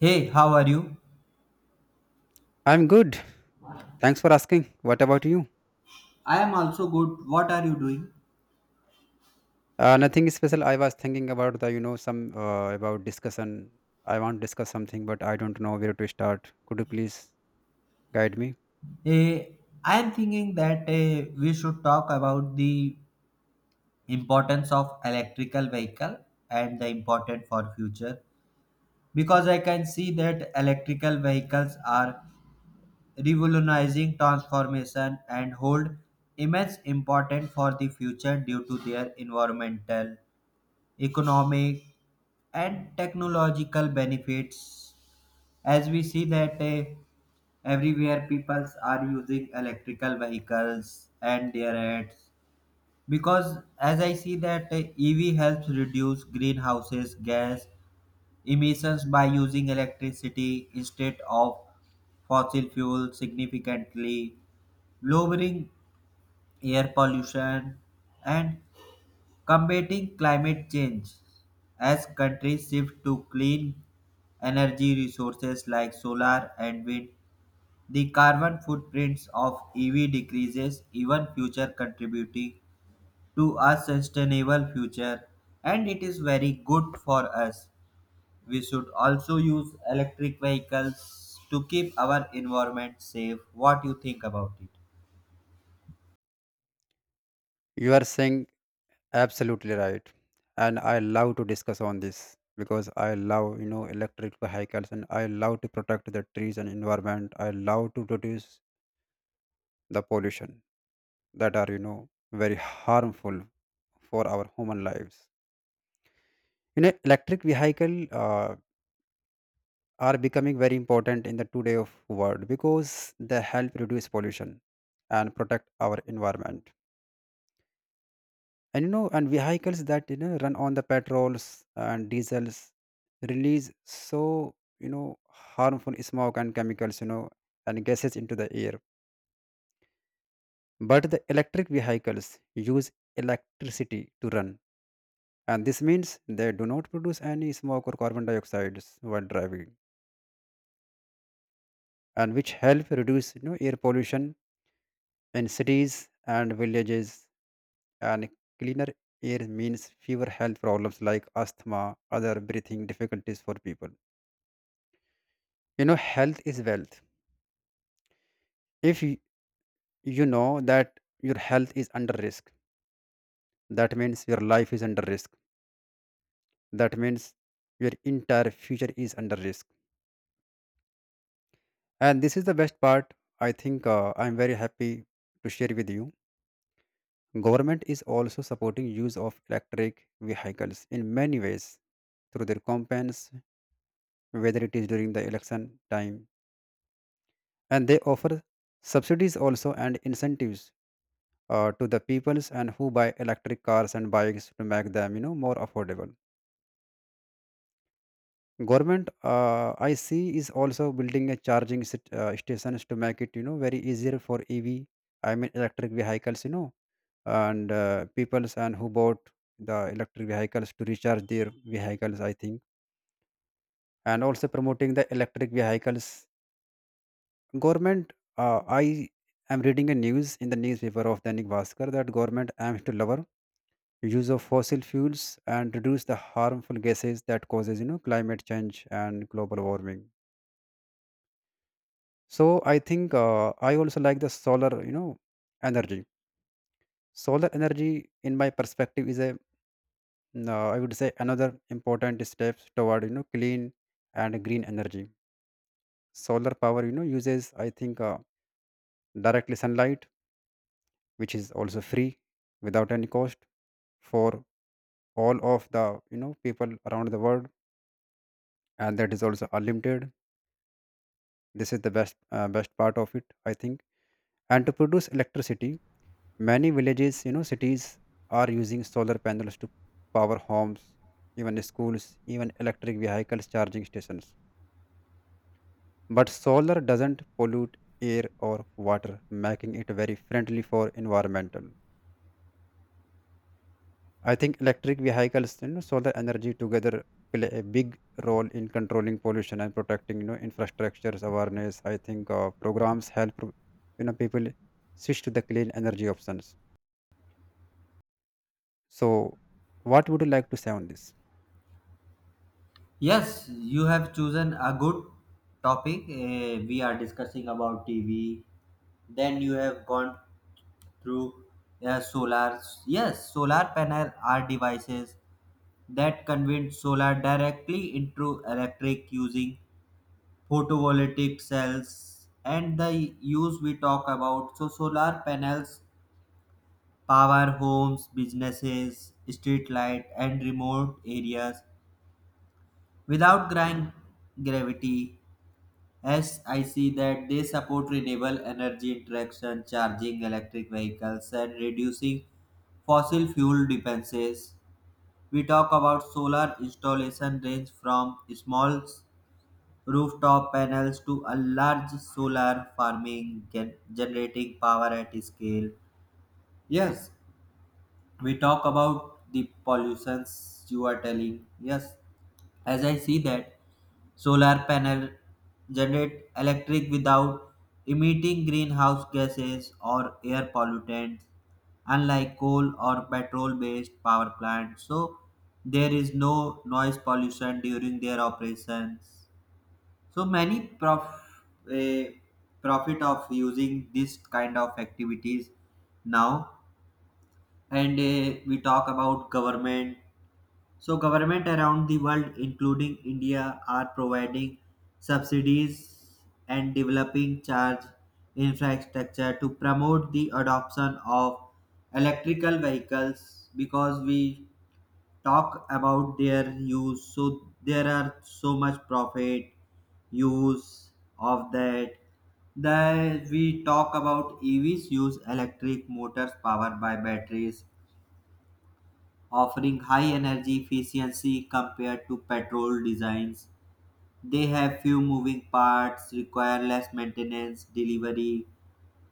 Hey, how are you? I'm good. Thanks for asking. What about you? I am also good. What are you doing? Nothing special. I was thinking about the, you know, some about discussion. I want to discuss something, but I don't know where to start. Could you please guide me? Eh, I am thinking that we should talk about the importance of electrical vehicle and the important for future because I can see that electrical vehicles are revolutionizing transformation and hold immense importance for the future due to their environmental, economic and technological benefits as we see that everywhere people are using electrical vehicles and their ads because as I see that EV helps reduce greenhouses gas emissions by using electricity instead of fossil fuel significantly lowering air pollution and combating climate change as countries shift to clean energy resources like solar and wind. The carbon footprints of EV decreases even future contributing to a sustainable future and it is very good for us. We should also use electric vehicles to keep our environment safe. What do you think about it? You are saying absolutely right, and I love to discuss on this because I love, you know, electric vehicles, and I love to protect the trees and environment. I love to reduce the pollution that are, you know, very harmful for our human lives. You know, electric vehicle. Are becoming very important in the today of world because they help reduce pollution and protect our environment, and you know, and vehicles that you know run on the petrols and diesels release, so you know, harmful smoke and chemicals, you know, and gases into the air. But the electric vehicles use electricity to run, and this means they do not produce any smoke or carbon dioxides while driving, and which help reduce, you know, air pollution in cities and villages, and cleaner air means fewer health problems like asthma, other breathing difficulties for people. You know, health is wealth. If y- You know that your health is under risk, that means your life is under risk. That means your entire future is under risk. And this is the best part. I think I'm very happy to share with you. Government is also supporting use of electric vehicles in many ways through their campaigns, whether it is during the election time. And they offer subsidies also and incentives to the peoples and who buy electric cars and bikes to make them, you know, more affordable. Government, I see, is also building a stations to make it, you know, very easier for EV. I mean, electric vehicles, you know, and peoples and who bought the electric vehicles to recharge their vehicles. I think, and also promoting the electric vehicles. Government, I am reading a news in the newspaper of Dainik Bhaskar that government aims to lower use of fossil fuels and reduce the harmful gases that causes, you know, climate change and global warming. So I think I also like the solar, you know, energy. Solar energy, in my perspective, is a I would say another important step toward, you know, clean and green energy. Solar power, you know, uses, I think directly sunlight, which is also free without any cost for all of the, you know, people around the world, and that is also unlimited. This is the best part of it, I think, and to produce electricity, many villages, you know, cities are using solar panels to power homes, even schools, even electric vehicles charging stations. But solar doesn't pollute air or water, making it very friendly for environmental. I think electric vehicles, you know, solar energy together play a big role in controlling pollution and protecting, you know, infrastructures awareness. I think programs help, you know, people switch to the clean energy options. So, what would you like to say on this? Yes, you have chosen a good topic. We are discussing about TV. Then you have gone through solar. Yes, solar panel are devices that convert solar directly into electric using photovoltaic cells. And the use we talk about, so solar panels power homes, businesses, street light, and remote areas without grind gravity. As I see that they support renewable energy interaction, charging electric vehicles, and reducing fossil fuel dependencies. We talk about solar installation range from small rooftop panels to a large solar farming generating power at scale. Yes, we talk about the pollutions you are telling. Yes, as I see that solar panel generate electric without emitting greenhouse gases or air pollutants unlike coal or petrol based power plants, so there is no noise pollution during their operations, so many eh, profit of using this kind of activities now. And we talk about government, so government around the world, including India, are providing subsidies and developing charge infrastructure to promote the adoption of electrical vehicles because we talk about their use, so there are so much profit use of that. The we talk about evs use electric motors powered by batteries offering high energy efficiency compared to petrol designs. They have few moving parts, require less maintenance, delivery,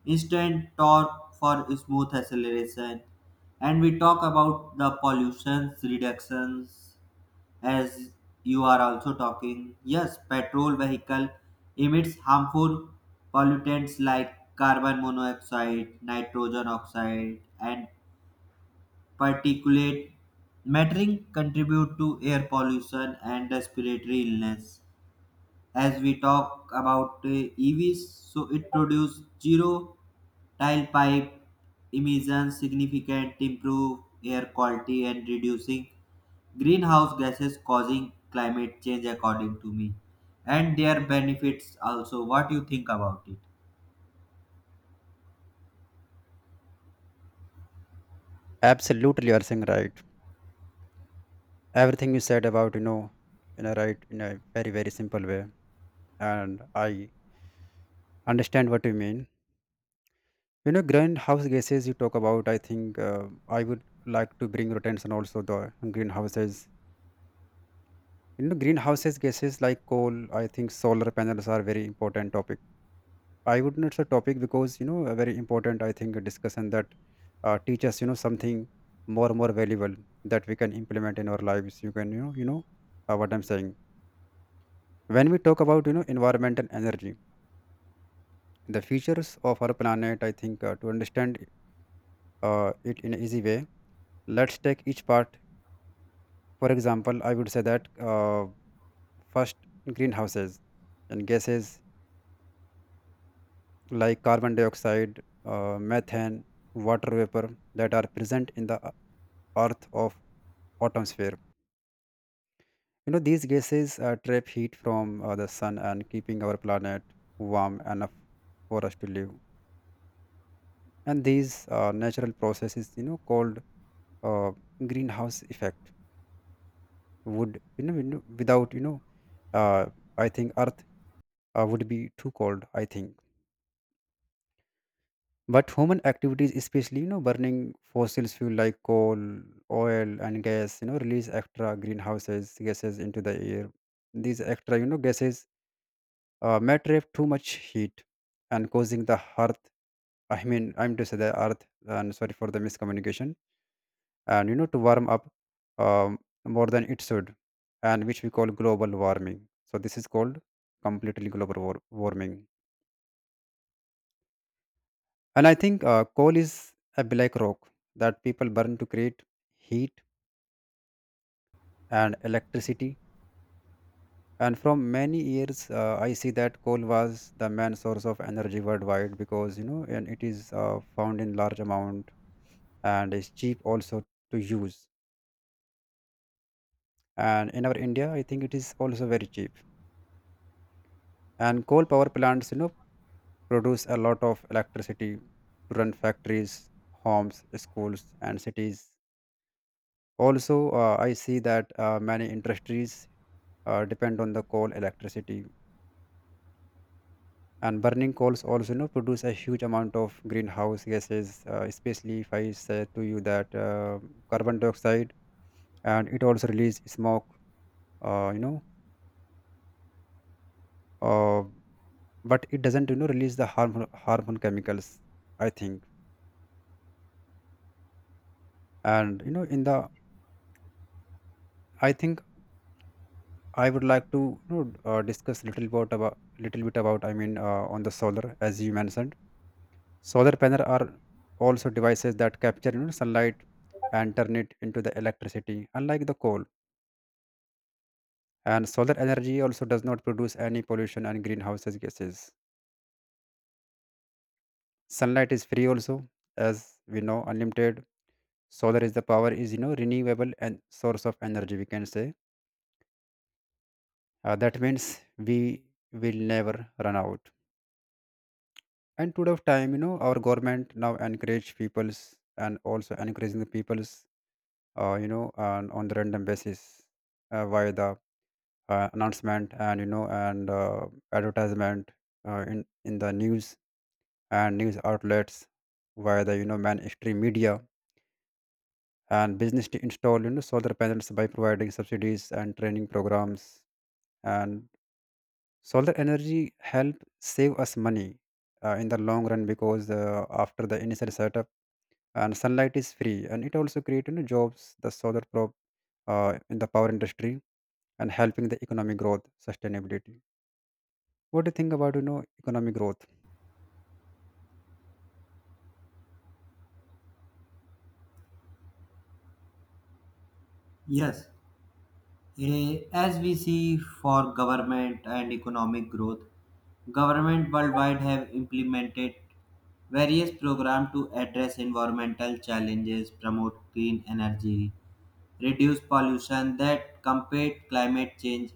instant torque for smooth acceleration. And we talk about the pollution reductions as you are also talking. Yes, petrol vehicle emits harmful pollutants like carbon monoxide, nitrogen oxide, and particulate mattering contribute to air pollution and respiratory illness. As we talk about EVs, so it produce zero tailpipe emissions, significant improve air quality and reducing greenhouse gases causing climate change according to me. And their benefits also. What you think about it? Absolutely, you are saying right. Everything you said about, you know, you know, right in a very simple way, and I understand what you mean. You know, greenhouse gases you talk about. I think I would like to bring your attention also the greenhouses. You know, greenhouses gases like coal, I think solar panels are very important topic. I would not say topic because, you know, a very important, I think, discussion that teach us, you know, something more valuable that we can implement in our lives. You can, what I'm saying. When we talk about, you know, environment and energy, the features of our planet, I think, to understand it in an easy way, let's take each part. For example, I would say that first, greenhouses and gases like carbon dioxide, methane, water vapor that are present in the earth of atmosphere. You know, these gases trap heat from the sun and keeping our planet warm enough for us to live. And these natural processes, you know, called uh, greenhouse effect would, without, uh, I think earth would be too cold, I think. But human activities, especially, you know, burning fossil fuel like coal, oil, and gas, you know, release extra greenhouses gases into the air. These extra, you know, gases may trap too much heat and causing the earth. I mean, I'm to say the earth. And sorry for the miscommunication. And you know, to warm up um, more than it should, and which we call global warming. So this is called completely warming. And I think coal is a black rock that people burn to create heat and electricity. And from many years, I see that coal was the main source of energy worldwide because, you know, and it is found in large amount and is cheap also to use. And in our India, I think it is also very cheap. And coal power plants, you know, produce a lot of electricity to run factories, homes, schools, and cities. Also, I see that many industries depend on the coal electricity, and burning coals also, you know, produce a huge amount of greenhouse gases, especially if I say to you that carbon dioxide, and it also release smoke, uh, you know uh, but it doesn't, you know, release the harmful chemicals, I think. And you know, in the, I think, I would like to, you know, discuss little about little bit about, I mean, on the solar, as you mentioned, solar panels are also devices that capture, you know, sunlight and turn it into the electricity, unlike the coal. And solar energy also does not produce any pollution and greenhouse gases. Sunlight is free also, as we know, unlimited. Solar is the power, is, you know, renewable and source of energy, we can say. That means we will never run out. And today of time, you know, our government now encourage peoples and also encouraging the peoples, you know, on the random basis, via the announcement, and you know, and advertisement in the news and news outlets via the, you know, mainstream media and business to install, you know, solar panels by providing subsidies and training programs. And solar energy help save us money in the long run, because after the initial setup and sunlight is free, and it also create, you know, jobs. The solar prop, in the power industry and helping the economic growth, sustainability. What do you think about, you know, economic growth? Yes. As we see for government and economic growth, government worldwide have implemented various programs to address environmental challenges, promote clean energy, reduce pollution that combat climate change.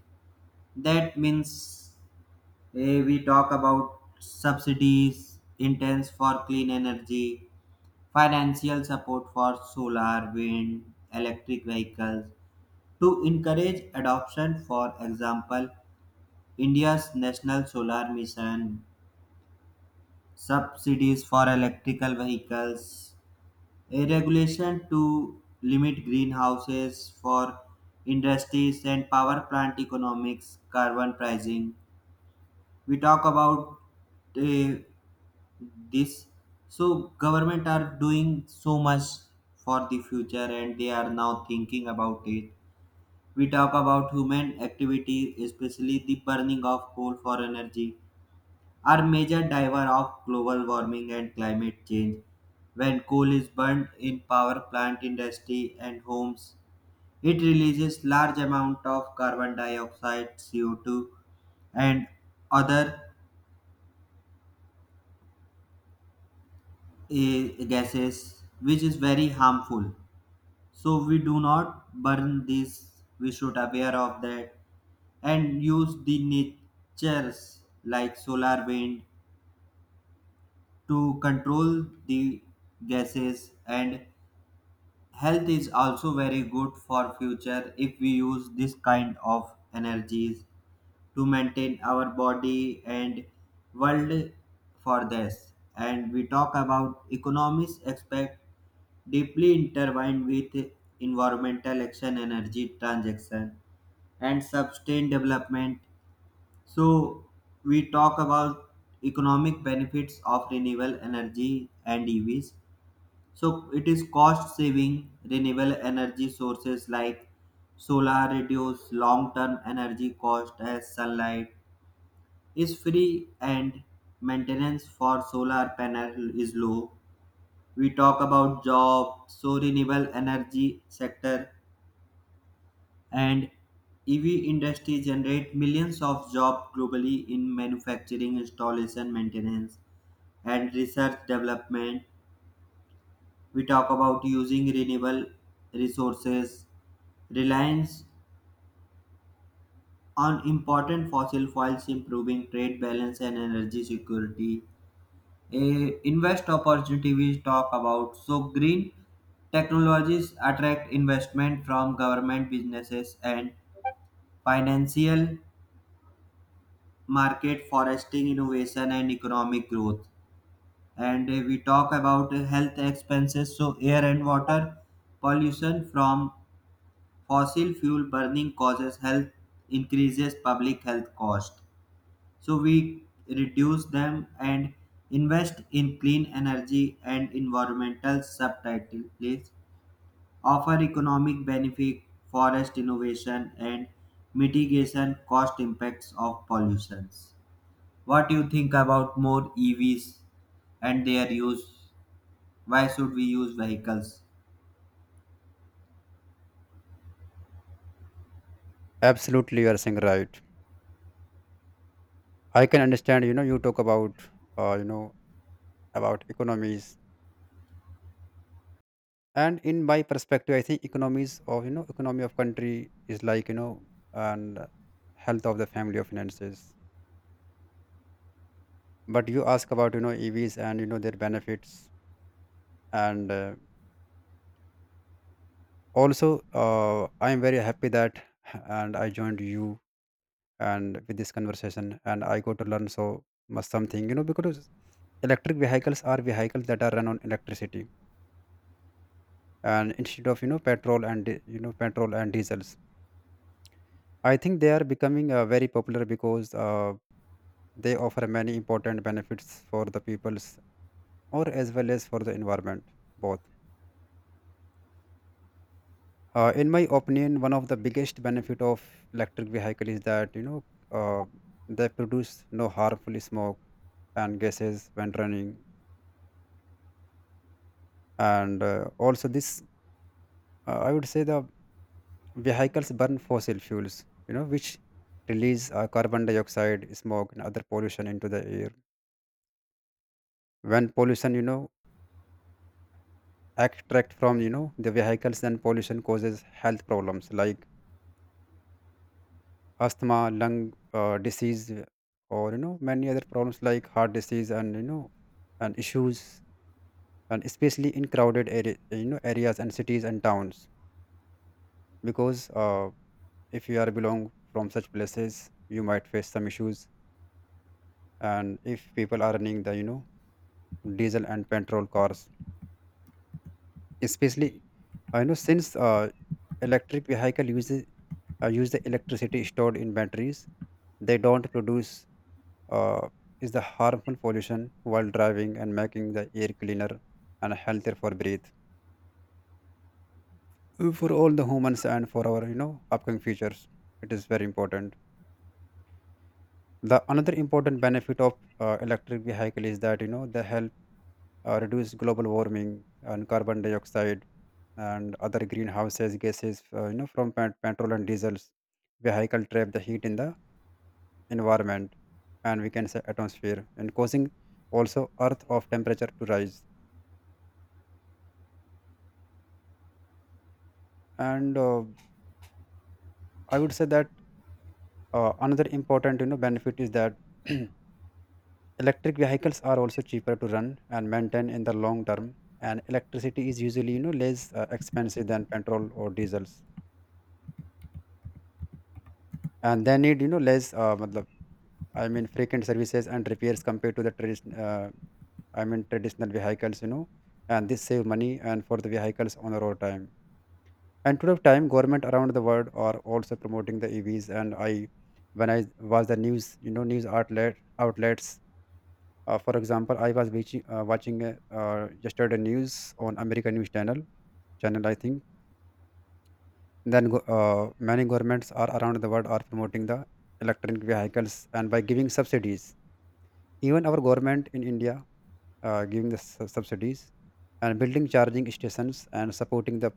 That means we talk about subsidies, intense for clean energy, financial support for solar, wind, electric vehicles to encourage adoption, for example, India's National Solar Mission, subsidies for electrical vehicles, a regulation to limit greenhouses for industries and power plant economics, carbon pricing. We talk about uh, this. So government are doing so much for the future and they are now thinking about it. We talk about human activity, especially the burning of coal for energy, are major driver of global warming and climate change. When coal is burned in power plant, industry, and homes, it releases large amount of carbon dioxide, CO2, and other gases, which is very harmful. So we do not burn this. We should aware of that and use the natures like solar wind to control the gases. And health is also very good for future if we use this kind of energies to maintain our body and world for this. And we talk about economics aspect deeply intertwined with environmental action, energy transaction, and sustained development. So we talk about economic benefits of renewable energy and EVs, so it is cost saving renewable energy sources like solar reduce long term energy cost as sunlight is free and maintenance for solar panel is low. We talk about job, so renewable energy sector and EV industry generate millions of jobs globally in manufacturing, installation, maintenance and research development. We talk about using renewable resources reliance on important fossil fuels improving trade balance and energy security. A invest opportunity we talk about, so green technologies attract investment from government businesses and financial market foresting innovation and economic growth. And we talk about health expenses, so air and water pollution from fossil fuel burning causes health, increases public health cost, so we reduce them and invest in clean energy and environmental subtitles offer economic benefit, forest innovation and mitigation cost impacts of pollutions. What do you think about more evs and their use? Why should we use vehicles? Absolutely, you are saying right. I can understand, you know, you talk about, you know, about economies. And in my perspective, I think economies of, you know, economy of country is like, you know, and health of the family or finances. But you ask about, you know, EVs and, you know, their benefits. And also, I am very happy that, and I joined you and with this conversation, and I got to learn so much something, you know, because electric vehicles are vehicles that are run on electricity, and instead of, you know, you know, petrol and diesels, I think they are becoming very popular, because they offer many important benefits for the peoples or as well as for the environment, both. In my opinion, one of the biggest benefit of electric vehicle is that, you know, uh, they produce no harmful smoke and gases when running. And also this, I would say the vehicles burn fossil fuels, you know, which release carbon dioxide, smoke, and other pollution into the air. When pollution, you know, extract from, you know, the vehicles, then pollution causes health problems like asthma, lung, disease, or you know, many other problems like heart disease, and you know, and issues, and especially in crowded area, you know, areas and cities and towns. Because if you are belong from such places, you might face some issues. And if people are running the, you know, diesel and petrol cars, especially, I know, since electric vehicle uses, use the electricity stored in batteries, they don't produce uh, is the harmful pollution while driving and making the air cleaner and healthier for breathe. For all the humans and for our, you know, upcoming futures, it is very important. The another important benefit of electric vehicle is that, you know, they help reduce global warming and carbon dioxide and other greenhouses gases, you know, from petrol and diesels vehicle trap the heat in the environment, and we can say atmosphere, and causing also earth of temperature to rise. And I would say that another important, you know, benefit is that electric vehicles are also cheaper to run and maintain in the long term. And electricity is usually, you know, less expensive than petrol or diesels, and they need, you know, less matlab, I mean, frequent services and repairs compared to the tradition I mean, traditional vehicles, you know, and this save money and for the vehicles on the road time. And today of time, government around the world are also promoting the evs. And I when I was the news, you know, news outlets for example, I was watching, watching yesterday news on american news channel, I think. Then many governments are around the world are promoting the electric vehicles, and by giving subsidies. Even our government in India giving the subsidies and building charging stations and supporting the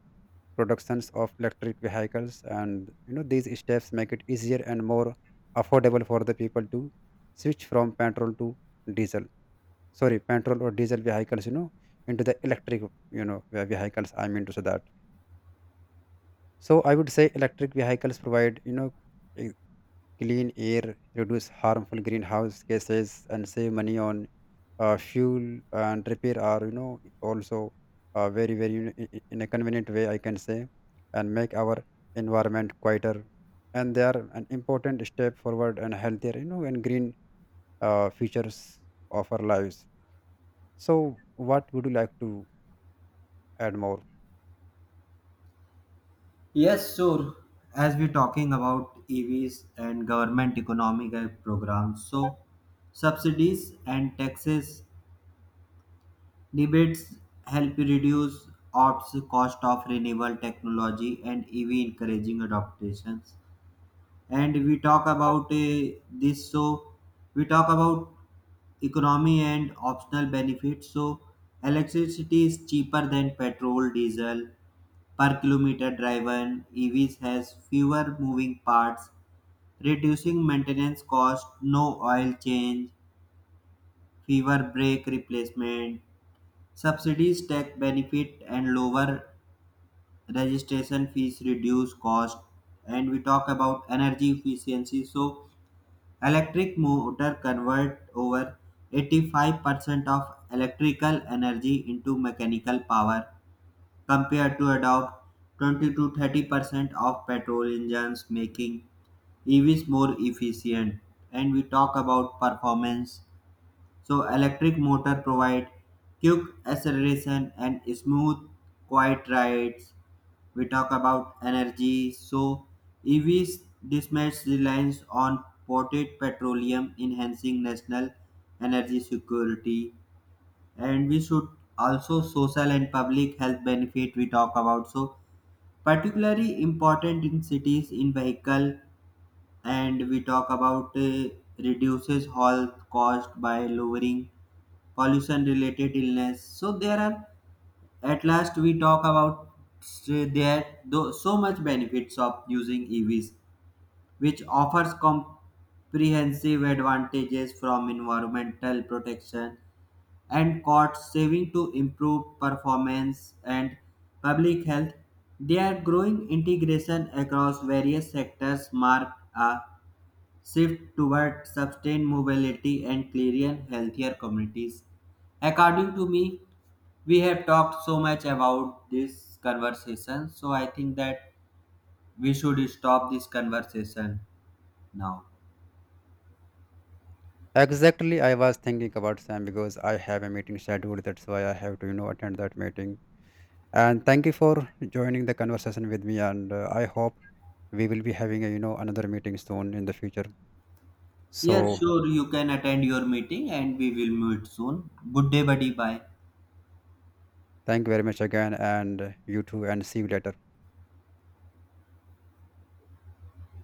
productions of electric vehicles, and you know, these steps make it easier and more affordable for the people to switch from petrol to diesel, sorry, petrol or diesel vehicles, you know, into the electric, you know, vehicles, I mean to say that. So I would say electric vehicles provide, you know, a clean air, reduce harmful greenhouse gases, and save money on fuel and repair are, you know, also very, you know, in a convenient way, I can say, and make our environment quieter. And they are an important step forward and healthier, you know, and green features of our lives. So, what would you like to add more? Yes, sure. As we're talking about EVs and government economic aid programs, so subsidies and taxes debates help reduce ops cost of renewable technology and EV encouraging adaptations. And we talk about this, so we talk about economy and optional benefits. So electricity is cheaper than petrol, diesel per kilometer driven. EVs has fewer moving parts, reducing maintenance cost, no oil change, fewer brake replacement. Subsidies, tax benefit, and lower registration fees reduce cost. And we talk about energy efficiency. So, electric motor convert over 85% of electrical energy into mechanical power compared to about 20 to 30% of petrol engines, making EVs more efficient. And we talk about performance, so electric motor provide quick acceleration and smooth quiet rides. We talk about energy. So EVs dismiss reliance on imported petroleum enhancing national energy security, and we should also social and public health benefit we talk about, so particularly important in cities in vehicle. And we talk about reduces health cost by lowering pollution related illness, so there are at last we talk about there though so much benefits of using evs, which offers comprehensive advantages from environmental protection and cost saving to improve performance and public health. Their growing integration across various sectors mark a shift toward sustained mobility and clearing healthier communities. According to me, we have talked so much about this conversation, so I think that we should stop this conversation now. Exactly, I was thinking about Sam because I have a meeting scheduled. That's why I have to, you know, attend that meeting. And thank you for joining the conversation with me. And I hope we will be having a, you know, another meeting soon in the future. Yes, So sure, you can attend your meeting and we will meet soon. Good day, buddy. Bye. thank you very much again, and you too, and see you later.